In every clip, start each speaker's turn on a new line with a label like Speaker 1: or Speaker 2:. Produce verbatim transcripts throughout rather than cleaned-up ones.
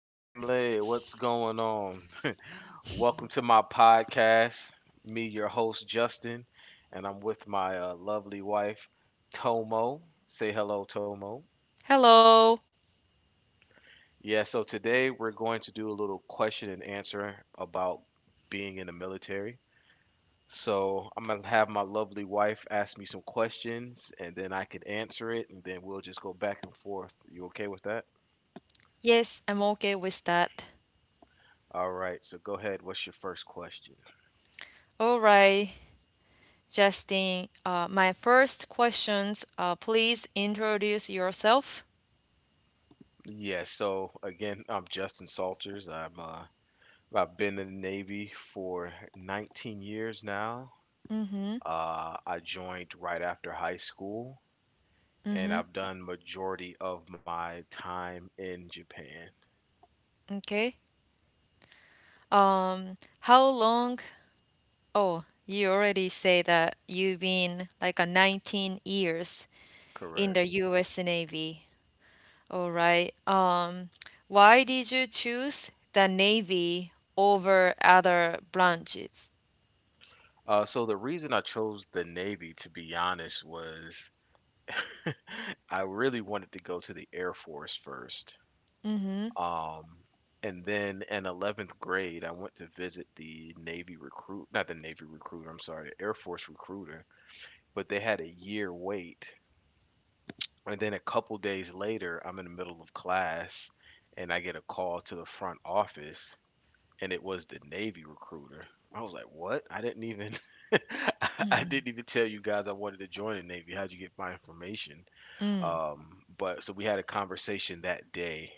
Speaker 1: family, what's going on? Welcome to my podcast. Me, your host, Justin, and I'm with my uh, lovely wife, Tomo. Say hello, Tomo.
Speaker 2: Hello.
Speaker 1: Yeah, so today we're going to do a little question and answer about being in the military. So I'm going to have my lovely wife ask me some questions, and then I could answer it, and then we'll just go back and forth. You okay with that?
Speaker 2: Yes, I'm okay with that.
Speaker 1: All right, so go ahead. What's your first question?
Speaker 2: All right, Justin. Uh, my first questions. Uh, please introduce yourself.
Speaker 1: Yeah, so again, I'm Justin Salters. I'm uh, I've been in the Navy for nineteen years now.
Speaker 2: Mm.
Speaker 1: Uh, I joined right after high school, and I've done majority of my time in Japan.
Speaker 2: Okay. Um, how long? Oh, you already say that you've been like a nineteen years in
Speaker 1: Correct.
Speaker 2: the U S. Navy. All right. Um, why did you choose the Navy over other branches?
Speaker 1: Uh, so the reason I chose the Navy, to be honest, was I really wanted to go to the Air Force first.
Speaker 2: Mm-hmm.
Speaker 1: Um, and then in eleventh grade, I went to visit the Navy recruit, not the Navy recruiter, I'm sorry, the Air Force recruiter, but they had a year wait. And then a couple days later, I'm in the middle of class and I get a call to the front office and it was the Navy recruiter. I was like, "What? I didn't even I didn't even tell you guys I wanted to join the Navy. How'd you get my information?" Um, but so we had a conversation that day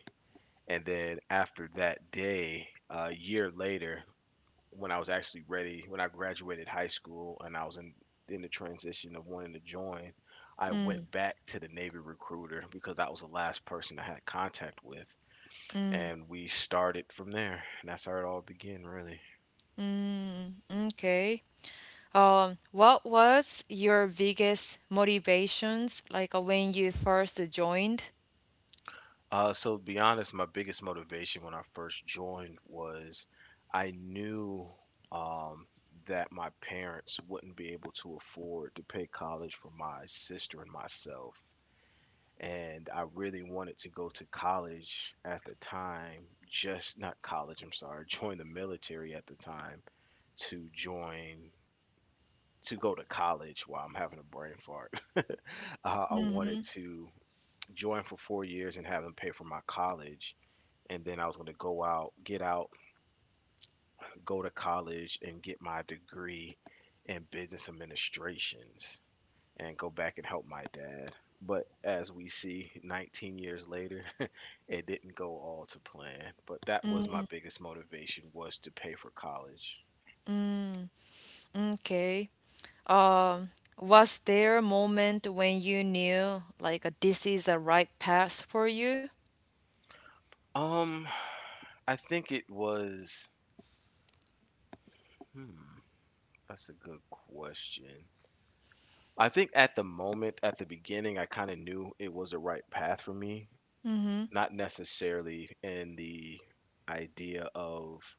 Speaker 1: and then after that day, a year later, when I was actually ready, when I graduated high school and I was in, in the transition of wanting to join, I went back to the Navy recruiter because that was the last person I had contact with. And we started from there. And that's how it all began, really.
Speaker 2: Okay. Um, what was your biggest motivations like uh, when you first joined?
Speaker 1: Uh, so to be honest, my biggest motivation when I first joined was I knew um, that my parents wouldn't be able to afford to pay college for my sister and myself. And I really wanted to go to college at the time, just not college, I'm sorry, join the military at the time to join, to go to college while I'm having a brain fart. uh, I wanted
Speaker 2: Mm.
Speaker 1: to join for four years and have them pay for my college and then I was going to go out, get out, go to college, and get my degree in business administrations and go back and help my dad. But as we see, nineteen years later, it didn't go all to plan. But that was my biggest motivation was to pay for college.
Speaker 2: Okay. Was there a moment when you knew like uh, this is the right path for you?
Speaker 1: Um, I think it was. Hmm, that's a good question. I think at the moment, at the beginning, I kind of knew it was the right path for me, not necessarily in the idea of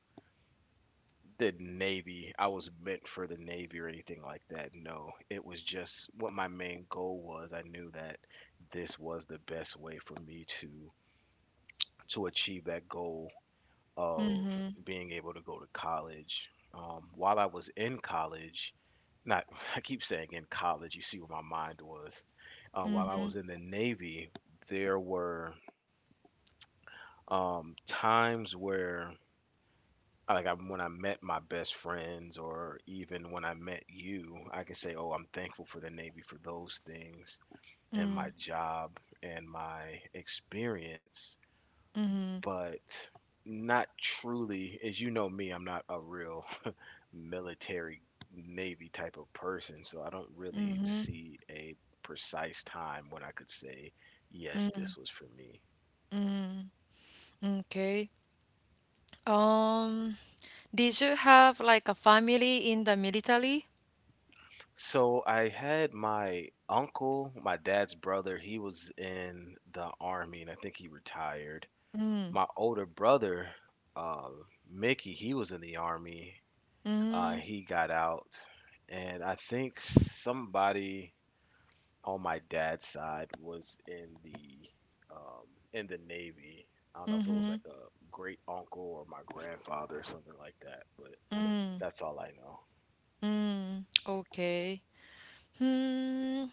Speaker 1: the Navy. I was meant for the Navy or anything like that. No, it was just what my main goal was. I knew that this was the best way for me to to achieve that goal of being able to go to college. Um, while I was in college, not I keep saying in college. You see where my mind was. Uh, while I was in the Navy, there were um, times where I like I, when I met my best friends, or even when I met you, I can say, "Oh, I'm thankful for the Navy for those things, and my job, and my experience." But not truly, as you know me, I'm not a real military Navy type of person, so I don't really see a precise time when I could say, "Yes, this was for me."
Speaker 2: Okay. Um, did you have like a family in the military?
Speaker 1: So I had my uncle, my dad's brother, he was in the army and I think he retired. My older brother, uh, Mickey, he was in the army. Uh, he got out. And I think somebody on my dad's side was in the um, in the Navy. I don't know if it was like a great uncle or my grandfather or something like that, but that's all I know.
Speaker 2: Mm. Okay. Hmm.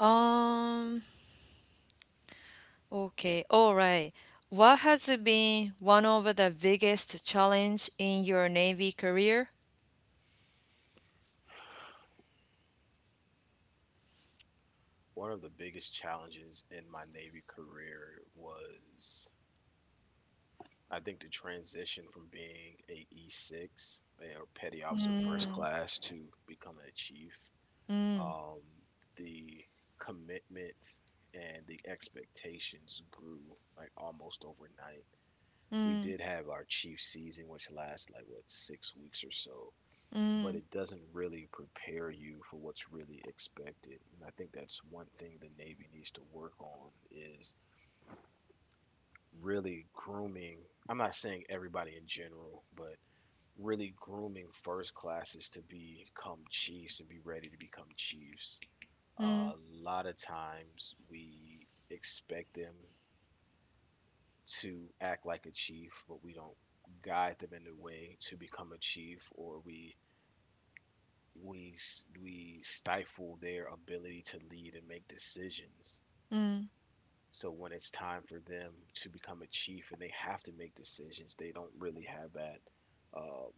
Speaker 2: Um, okay. All right. What has been one of the biggest challenge in your Navy career?
Speaker 1: One of the biggest challenges in my Navy career was, I think, the transition from being a E six or petty officer first class to becoming a chief. Um, the commitments and the expectations grew like almost overnight. We did have our chief season, which lasts like what six weeks or so, but it doesn't really prepare you for what's really expected. And I think that's one thing the Navy needs to work on is really grooming, I'm not saying everybody in general, but really grooming first classes to become chiefs and be ready to become chiefs. A lot of times we expect them to act like a chief but we don't guide them in a way to become a chief, or we we s- we stifle their ability to lead and make decisions. So when it's time for them to become a chief and they have to make decisions, they don't really have that. Um,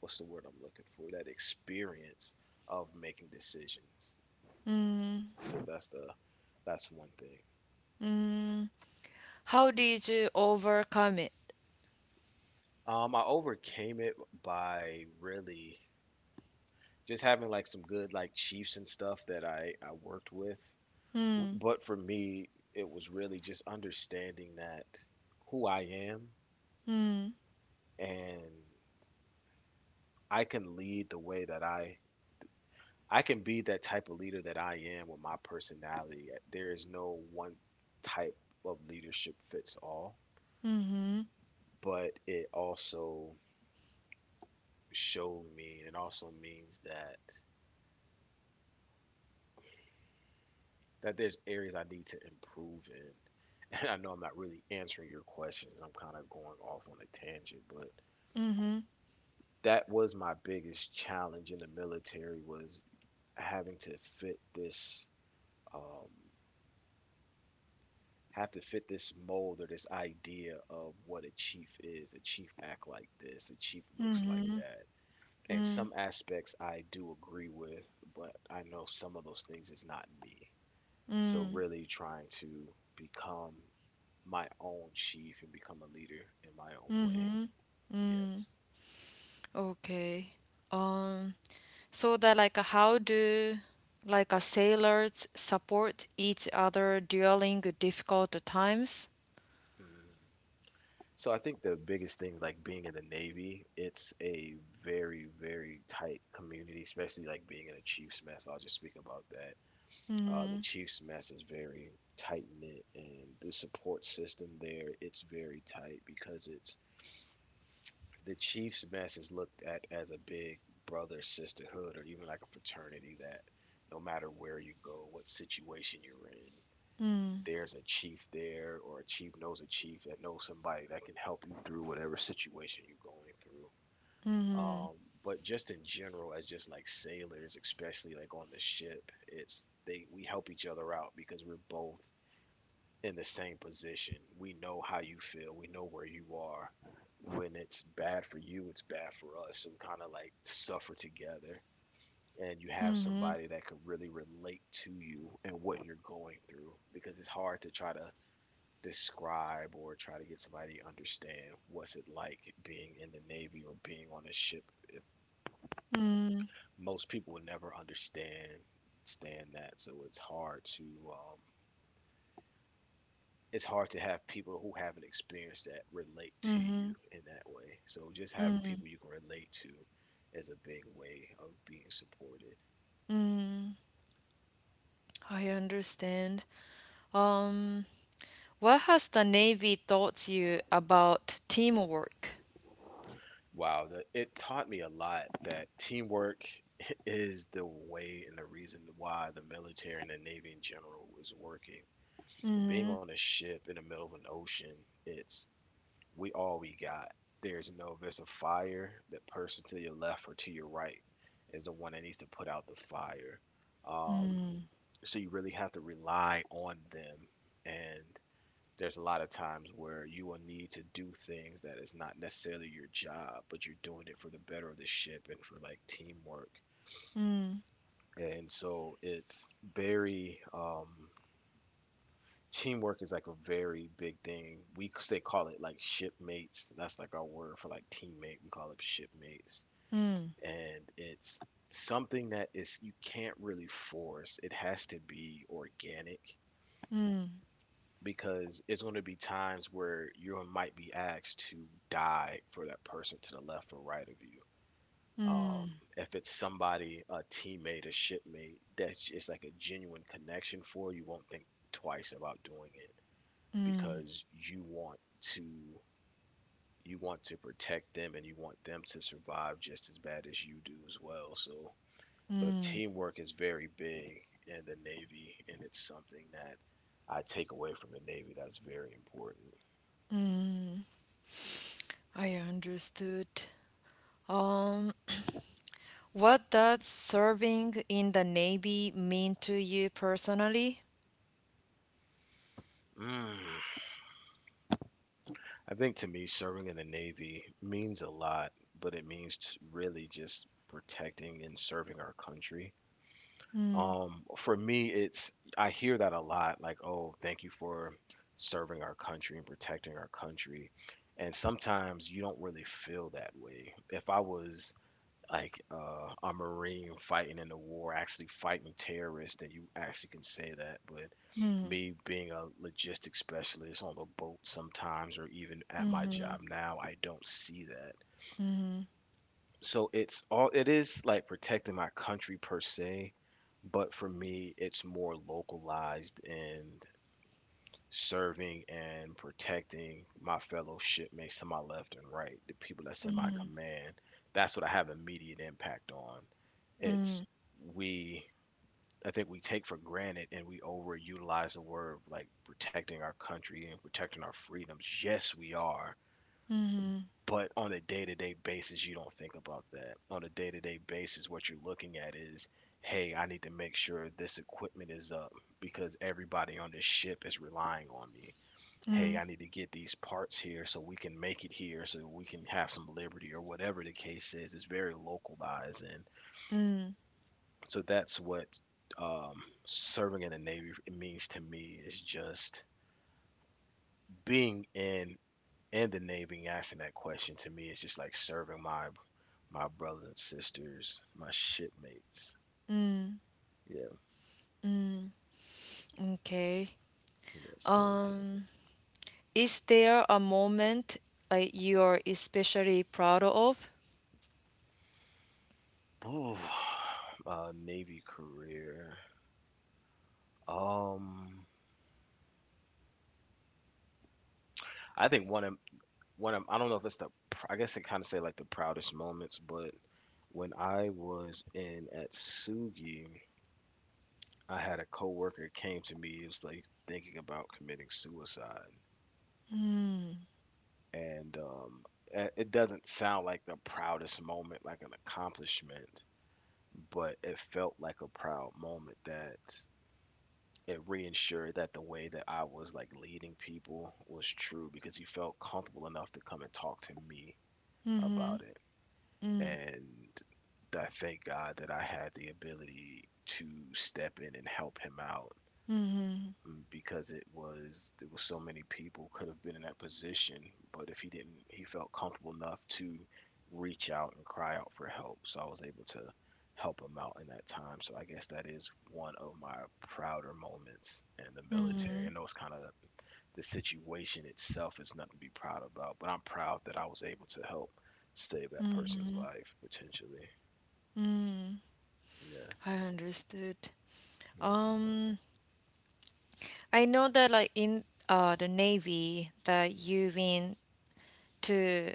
Speaker 1: what's the word I'm looking for? That experience of making decisions. So that's the that's one thing.
Speaker 2: How did you overcome it?
Speaker 1: Um, I overcame it by really just having like some good like chiefs and stuff that I I worked with. But for me, it was really just understanding that who I am, and I can lead the way that I I can be that type of leader that I am with my personality. eh, There is no one type of leadership fits all, but it also showed me, and it also means that that there's areas I need to improve in. And I know I'm not really answering your questions. I'm kind of going off on a tangent, but that was my biggest challenge in the military was having to fit this um, have to fit this mold or this idea of what a chief is. A chief act like this, a chief looks like that. And some aspects I do agree with, but I know some of those things is not me. So really trying to become my own chief and become a leader in my own way. Yes.
Speaker 2: Okay. Um, so that like uh, How do like a sailors support each other during difficult times?
Speaker 1: Mm. So I think the biggest thing, like being in the Navy, it's a very, very tight community, especially like being in a chief's mess. I'll just speak about that. Uh, the Chiefs mess is very tight knit, and the support system there, it's very tight because it's the Chiefs mess is looked at as a big brother sisterhood or even like a fraternity, that no matter where you go, what situation you're in, there's a chief there or a chief knows a chief that knows somebody that can help you through whatever situation you're going through. Um, but just in general, as just like sailors, especially like on the ship, it's they we help each other out because we're both in the same position. We know how you feel. We know where you are. When it's bad for you, it's bad for us. So we kind of like suffer together. And you have somebody that can really relate to you and what you're going through because it's hard to try to describe or try to get somebody to understand what's it like being in the Navy or being on a ship. If most people would never understand, understand that. So it's hard to um, it's hard to have people who haven't experienced that relate to you in that way. So just having people you can relate to is a big way of being supported.
Speaker 2: I understand. Um, what has the Navy taught you about teamwork?
Speaker 1: Wow, the, it taught me a lot that teamwork is the way and the reason why the military and the Navy in general is working. Being on a ship in the middle of an ocean, it's we all we got. There's no, if there's a fire, the person to your left or to your right is the one that needs to put out the fire. Um, so you really have to rely on them, and there's a lot of times where you will need to do things that is not necessarily your job, but you're doing it for the better of the ship and for like teamwork. And so it's very um teamwork is like a very big thing, we say, call it like shipmates, that's like our word for like teammate, we call it shipmates. And it's something that is, you can't really force, it has to be organic, because it's going to be times where you might be asked to die for that person to the left or right of you. Um, if it's somebody, a teammate, a shipmate, that's it's like a genuine connection for you, won't think twice about doing it because you want to you want to protect them and you want them to survive just as bad as you do as well. So the teamwork is very big in the Navy and it's something that I take away from the Navy that's very important.
Speaker 2: I understood. Um, what does serving in the Navy mean to you personally?
Speaker 1: Mm. I think to me, serving in the Navy means a lot, but it means t- really just protecting and serving our country. Um, for me, it's I hear that a lot, like, oh, thank you for serving our country and protecting our country. And sometimes you don't really feel that way. If I was like uh, a marine fighting in the war, actually fighting terrorists, then you actually can say that. But me being a logistics specialist on the boat sometimes, or even at my job now, I don't see that. So it's all it is like protecting my country per se, but for me, it's more localized and serving and protecting my fellow shipmates to my left and right, the people that's in my command. That's what I have immediate impact on. It's we I think we take for granted and we overutilize the word like protecting our country and protecting our freedoms. Yes, we are. But on a day to day basis, you don't think about that. On a day to day basis, what you're looking at is hey, I need to make sure this equipment is up because everybody on this ship is relying on me hey, I need to get these parts here so we can make it here so we can have some liberty or whatever the case is. It's very localized. And so that's what um, serving in the Navy means to me is just being in in the Navy and asking that question to me is just like serving my my brothers and sisters, my shipmates. Yeah,
Speaker 2: Okay.
Speaker 1: yes, yes.
Speaker 2: Um. Is there a moment like you're especially proud of?
Speaker 1: Ooh, uh, Navy career. Um, I think one of one of I don't know if it's the pr- I guess I kind of say like the proudest moments, but when I was in at Sugi, I had a coworker came to me. It was like thinking about committing suicide, and um, a- it doesn't sound like the proudest moment, like an accomplishment, but it felt like a proud moment that it reinsured that the way that I was like leading people was true because he felt comfortable enough to come and talk to me about it and I thank God that I had the ability to step in and help him out mm, because it was there was so many people could have been in that position, but if he didn't, he felt comfortable enough to reach out and cry out for help. So I was able to help him out in that time. So I guess that is one of my prouder moments in the military. I know it's kind of the situation itself is nothing to be proud about, but I'm proud that I was able to help save that person's life potentially. Yeah.
Speaker 2: I understood.
Speaker 1: hmm
Speaker 2: Um, I know that like in uh the Navy that you've been to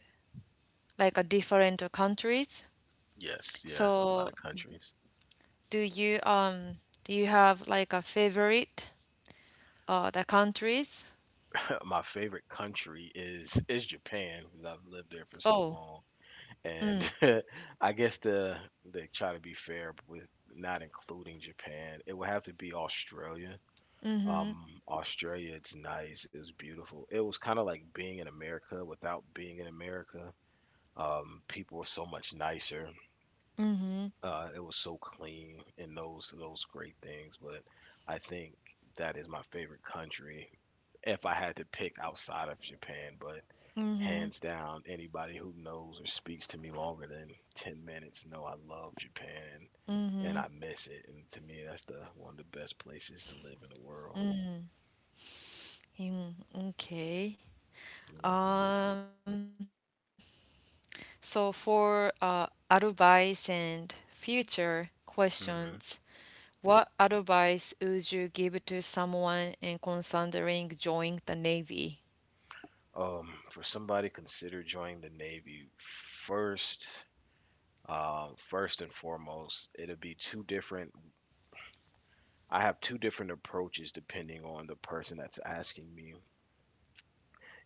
Speaker 2: like a different countries.
Speaker 1: Yes, yes, a lot
Speaker 2: So
Speaker 1: of countries.
Speaker 2: do you um do you have like a favorite uh the countries?
Speaker 1: My favorite country is is Japan because I've lived there for so
Speaker 2: Oh,
Speaker 1: long, and I guess to to try to be fair with not including Japan, it would have to be Australia. Um, Australia, it's nice, it's beautiful. It was kind of like being in America without being in America. Um, people are so much nicer. Uh, it was so clean and those those great things. But I think that is my favorite country if I had to pick outside of Japan. But hands down, anybody who knows or speaks to me longer than ten minutes know I love Japan and I miss it. And to me, that's the one of the best places to live in the world.
Speaker 2: in, okay.
Speaker 1: Hmm
Speaker 2: Um, so for uh Advice and future questions.
Speaker 1: hmm
Speaker 2: What advice would you give to someone in considering joining the Navy?
Speaker 1: Um, for somebody consider joining the Navy first. Um, first and foremost, it'll be two different I have two different approaches depending on the person that's asking me.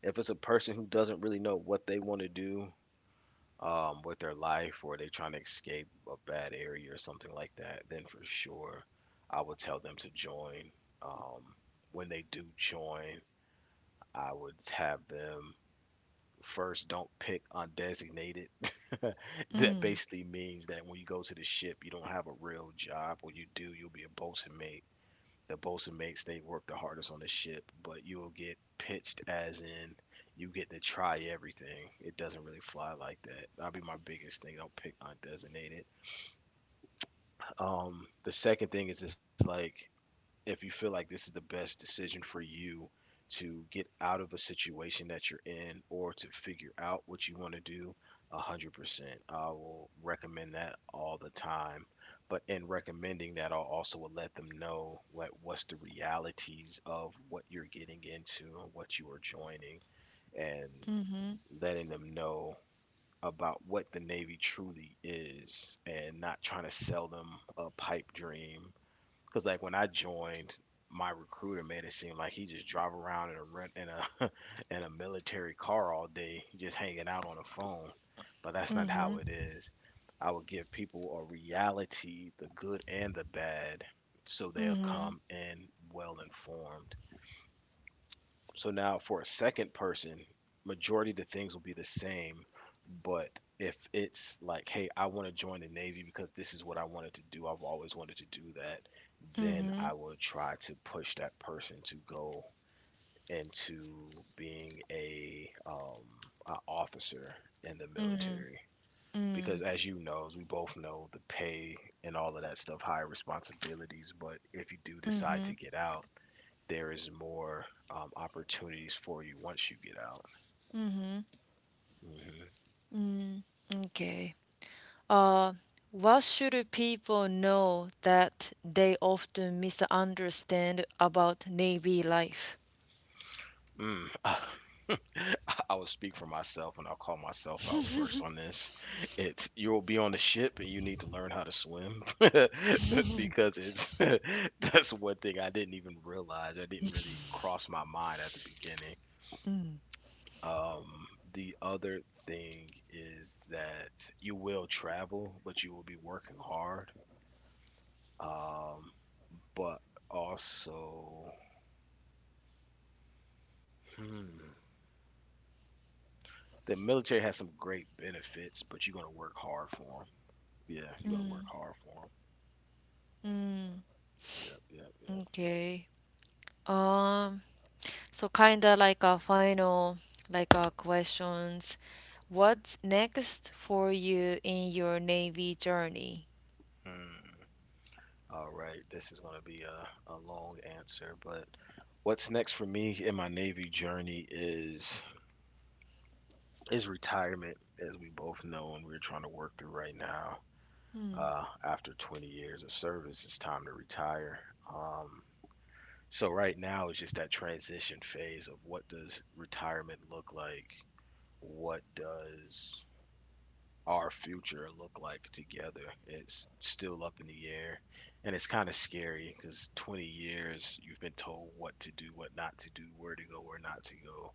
Speaker 1: If it's a person who doesn't really know what they want to do um, with their life or they trying to escape a bad area or something like that, then for sure I would tell them to join. Um, when they do join, I would have them first don't pick undesignated. That basically means that when you go to the ship, you don't have a real job, or you do, you'll be a bosun mate the bosun mates they work the hardest on the ship, but you'll get pitched as in you get to try everything. It doesn't really fly like that. That'd be my biggest thing. Don't pick undesignated. Um, the second thing is just like if you feel like this is the best decision for you to get out of a situation that you're in or to figure out what you want to do, one hundred percent. I will recommend that all the time. But in recommending that, I'll also will let them know what, what's the realities of what you're getting into and what you are joining and letting them know about what the Navy truly is and not trying to sell them a pipe dream. Cause like when I joined, my recruiter made it seem like he just drive around in a rent in a in a military car all day, just hanging out on the phone. But that's not how it is. I would give people a reality, the good and the bad, so they'll come in well informed. So now for a second person, majority of the things will be the same. But if it's like, hey, I want to join the Navy because this is what I wanted to do, I've always wanted to do that, then I will try to push that person to go into being a um an officer in the military. Because as you know, as we both know, the pay and all of that stuff, higher responsibilities. But if you do decide to get out, there is more um, opportunities for you once you get out. Hmm
Speaker 2: Okay. Uh, what should people know that they often misunderstand about Navy life?
Speaker 1: Mm. I will speak for myself and I'll call myself out first on this. It's you will be on the ship and you need to learn how to swim. Because it's that's one thing I didn't even realize. I didn't really cross my mind at the beginning. Um, the other thing is that you will travel, but you will be working hard. Um, but also Mm. The military has some great benefits, but you're gonna work hard for them. Yeah, you're gonna work hard for them. Yep, yep, yep.
Speaker 2: Okay. Um, so kind of like a final, like a Questions. What's next for you in your Navy journey?
Speaker 1: Hmm. All right, this is gonna be a, a long answer, but what's next for me in my Navy journey is is retirement, as we both know, and we're trying to work through right now. Uh, after twenty years of service, it's time to retire. Um, so right now it's just that transition phase of what does retirement look like what does our future look like together? It's still up in the air, and it's kind of scary because twenty years you've been told what to do, what not to do, where to go, where not to go,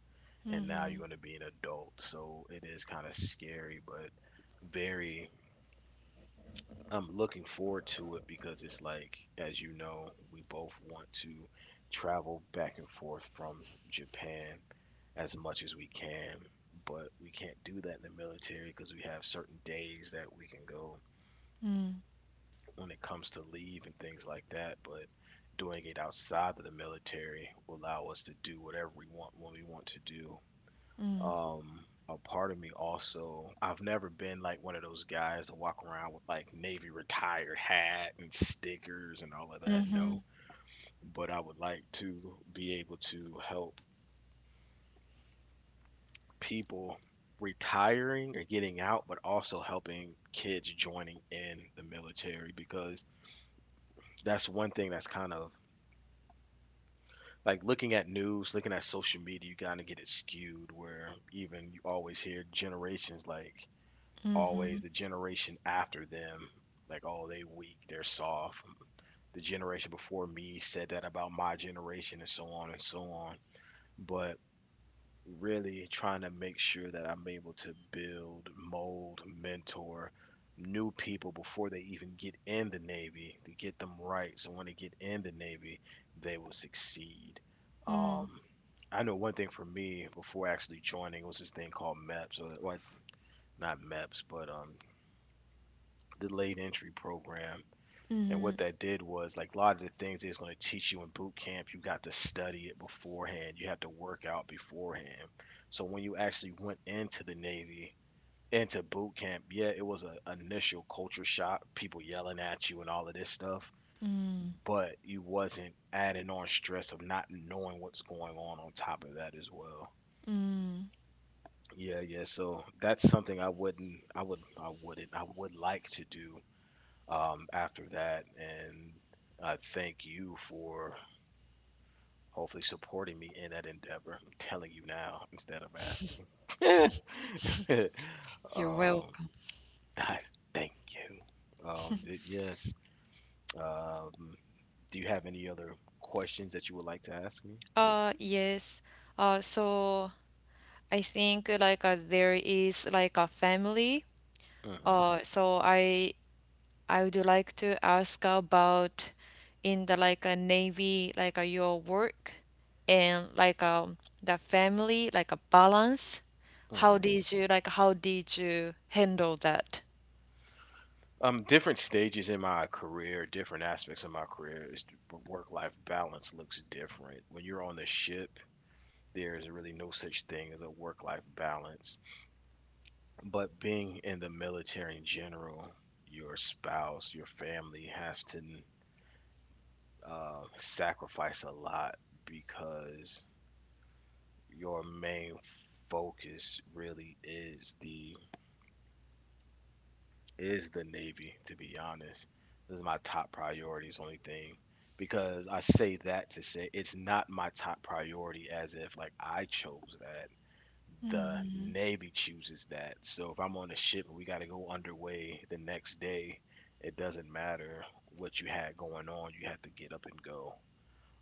Speaker 1: and now you're going to be an adult. So it is kind of scary, but very. I'm looking forward to it because it's like, as you know, we both want to travel back and forth from Japan as much as we can. But we can't do that in the military because we have certain days that we can go when it comes to leave and things like that. But doing it outside of the military will allow us to do whatever we want when we want to do. Um, a part of me also, I've never been like one of those guys to walk around with like Navy retired hat and stickers and all of that. No, but I would like to be able to help people retiring or getting out, but also helping kids joining in the military because that's one thing that's kind of like looking at news, looking at social media, you kind of get it skewed where even you always hear generations like always the generation after them, like, oh, they weak, they're soft. The generation before me said that about my generation and so on and so on. But really trying to make sure that I'm able to build, mold, mentor new people before they even get in the Navy to get them right. So when they get in the Navy, they will succeed. Um,
Speaker 2: Mm.
Speaker 1: I know one thing for me before actually joining was this thing called MEPS, or, or not MEPS, but um, delayed entry program. And what that did was like a lot of the things it's going to teach you in boot camp, you got to study it beforehand. You have to work out beforehand. So when you actually went into the Navy, into boot camp, yeah, it was an initial culture shock, people yelling at you and all of this stuff, but you wasn't adding on stress of not knowing what's going on on top of that as well. Yeah, yeah. So that's something I wouldn't, I would, I wouldn't, I would like to do um, after that. And I thank you for hopefully supporting me in that endeavor. I'm telling you now instead of asking.
Speaker 2: You're
Speaker 1: um,
Speaker 2: welcome.
Speaker 1: I thank you. Um, th- yes. Um, do you have any other questions that you would like to ask me?
Speaker 2: Uh, yes. Uh, so I think uh, like uh, there is like a family.
Speaker 1: Mm-hmm.
Speaker 2: Uh, so I I would like to ask about in the like a Navy like uh, your work and like um the family like a balance. How
Speaker 1: Mm-hmm.
Speaker 2: did you like how did you handle that?
Speaker 1: Um, different stages in my career, different aspects of my career, is work-life balance looks different. When you're on the ship, there's really no such thing as a work life balance. But being in the military in general, your spouse, your family have to uh, sacrifice a lot because your main focus really is the is the Navy. To be honest, this is my top priority. It's the only thing because I say that to say it's not my top priority as if like I chose that, the Navy chooses that. So if I'm on a ship and we got to go underway the next day, it doesn't matter what you had going on, you have to get up and go.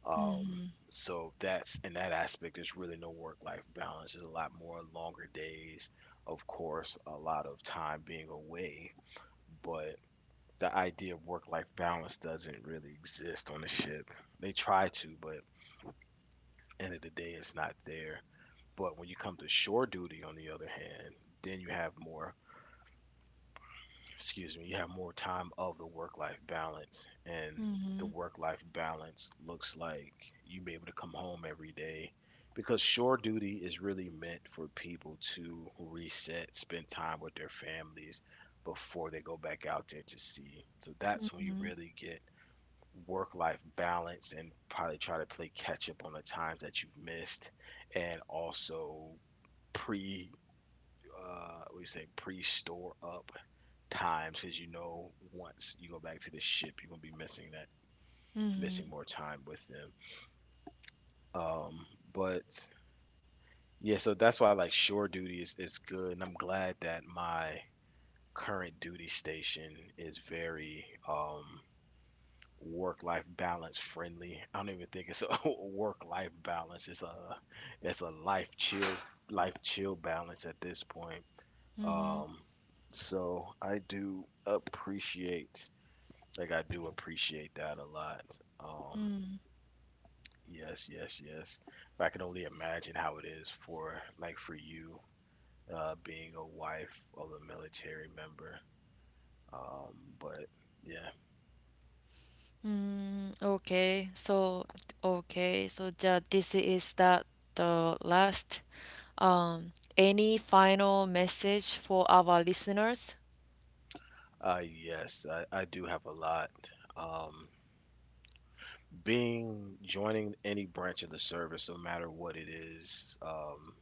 Speaker 1: Um, so that's in that aspect, there's really no work life balance. There's a lot more longer days, of course, a lot of time being away, but the idea of work life balance doesn't really exist on the ship. They try to, but end of the day, it's not there. But when you come to shore duty, on the other hand, then you have more, excuse me, you have more time of the work life balance. And the work life balance looks like you be able to come home every day because shore duty is really meant for people to reset, spend time with their families before they go back out there to sea. So that's when you really get work life balance and probably try to play catch up on the times that you've missed and also pre uh we say pre-store up times because you know once you go back to the ship you're gonna be missing that missing more time with them, um but yeah, so that's why like shore duty is, is good and I'm glad that my current duty station is very um work life balance friendly. I don't even think it's a work life balance it's a It's a life chill, life chill balance at this point. Um, so I do appreciate, like I do appreciate that a lot. Um, yes, yes, yes. I can only imagine how it is for, like, for you, uh, being a wife of a military member. Um, but yeah,
Speaker 2: Okay, so okay, so ja, this is that the last. Um, any final message for our listeners?
Speaker 1: uh, yes, I, I do have a lot. Um, Being joining any branch of the service, no matter what it is, um,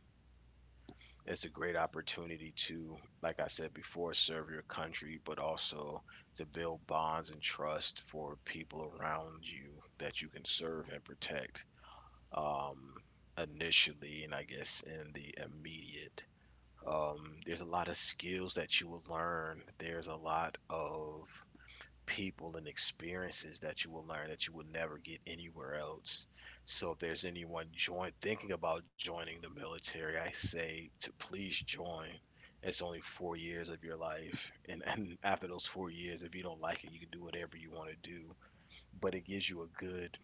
Speaker 1: it's a great opportunity to, like I said before, serve your country, but also to build bonds and trust for people around you that you can serve and protect, um, initially, and I guess in the immediate. Um, there's a lot of skills that you will learn. There's a lot of people and experiences that you will learn that you will never get anywhere else. So if there's anyone join thinking about joining the military, I say to please join. It's only four years of your life, and, and after those four years, if you don't like it, you can do whatever you want to do. But it gives you a good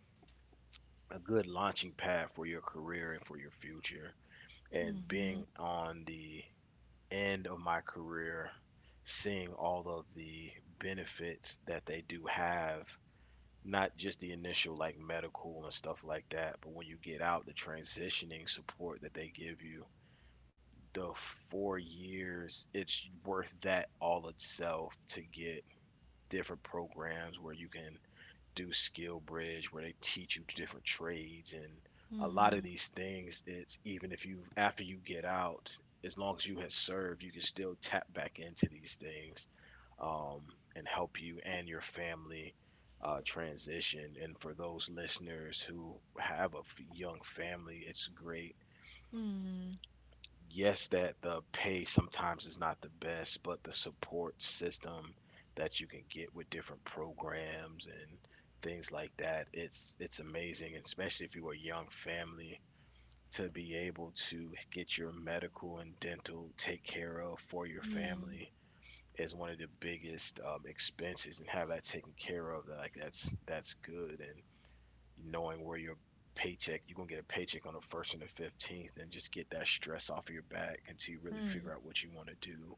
Speaker 1: a good launching pad for your career and for your future. And being on the end of my career, seeing all of the benefits that they do have, not just the initial like medical and stuff like that, but when you get out, the transitioning support that they give you, the four years, it's worth that all itself to get different programs where you can do skill bridge where they teach you different trades. And a lot of these things, it's even if you after you get out, as long as you have served you can still tap back into these things, um, and help you and your family uh, transition. And for those listeners who have a f- young family, it's great. Yes, that the pay sometimes is not the best, but the support system that you can get with different programs and things like that, it's it's amazing, and especially if you are a young family to be able to get your medical and dental take care of for your family is one of the biggest um, expenses, and have that taken care of, like that's that's good. Knowing where your paycheck, you're gonna get a paycheck on the first and the fifteenth, and just get that stress off of your back until you really figure out what you want to do.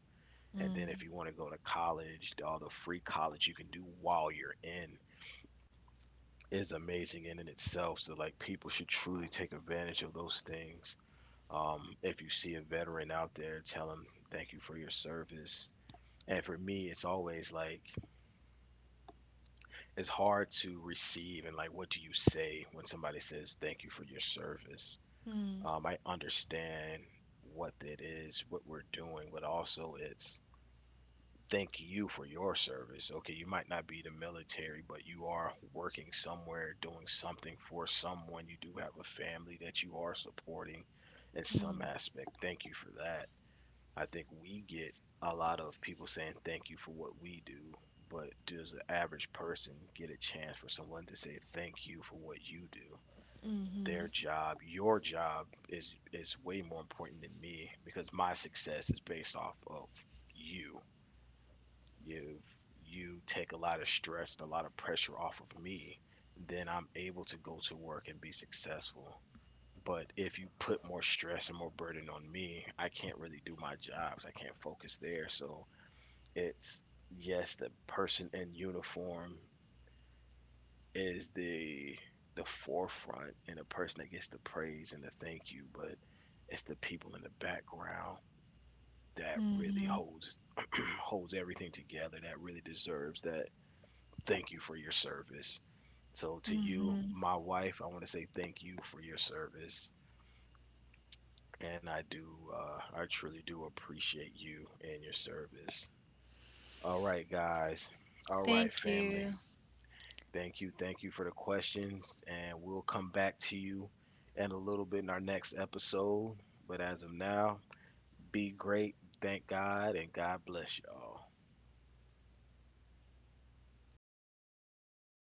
Speaker 1: And then if you want to go to college, all the free college you can do while you're in is amazing in and itself. So like people should truly take advantage of those things. Um, if you see a veteran out there, tell them thank you for your service. And for me, it's always like it's hard to receive and like what do you say when somebody says thank you for your service? Um, I understand what it is, what we're doing, but also it's thank you for your service. Okay, you might not be the military, but you are working somewhere, doing something for someone. You do have a family that you are supporting in some aspect. Thank you for that. I think we get a lot of people saying thank you for what we do, but does the average person get a chance for someone to say thank you for what you do? Their job, your job is is way more important than me because my success is based off of you. If you take a lot of stress and a lot of pressure off of me, then I'm able to go to work and be successful. But if you put more stress and more burden on me, I can't really do my jobs. I can't focus there. So it's yes, the person in uniform is the the forefront and the person that gets the praise and the thank you, but it's the people in the background that really holds holds everything together that really deserves that thank you for your service. So to you, my wife, I want to say thank you for your service, and I do, uh, I truly do appreciate you and your service. All right, guys. All right,
Speaker 2: Thank
Speaker 1: family.
Speaker 2: you.
Speaker 1: Thank you. Thank you for the questions. And we'll come back to you in a little bit in our next episode. But as of now, be great. Thank God. And God bless y'all.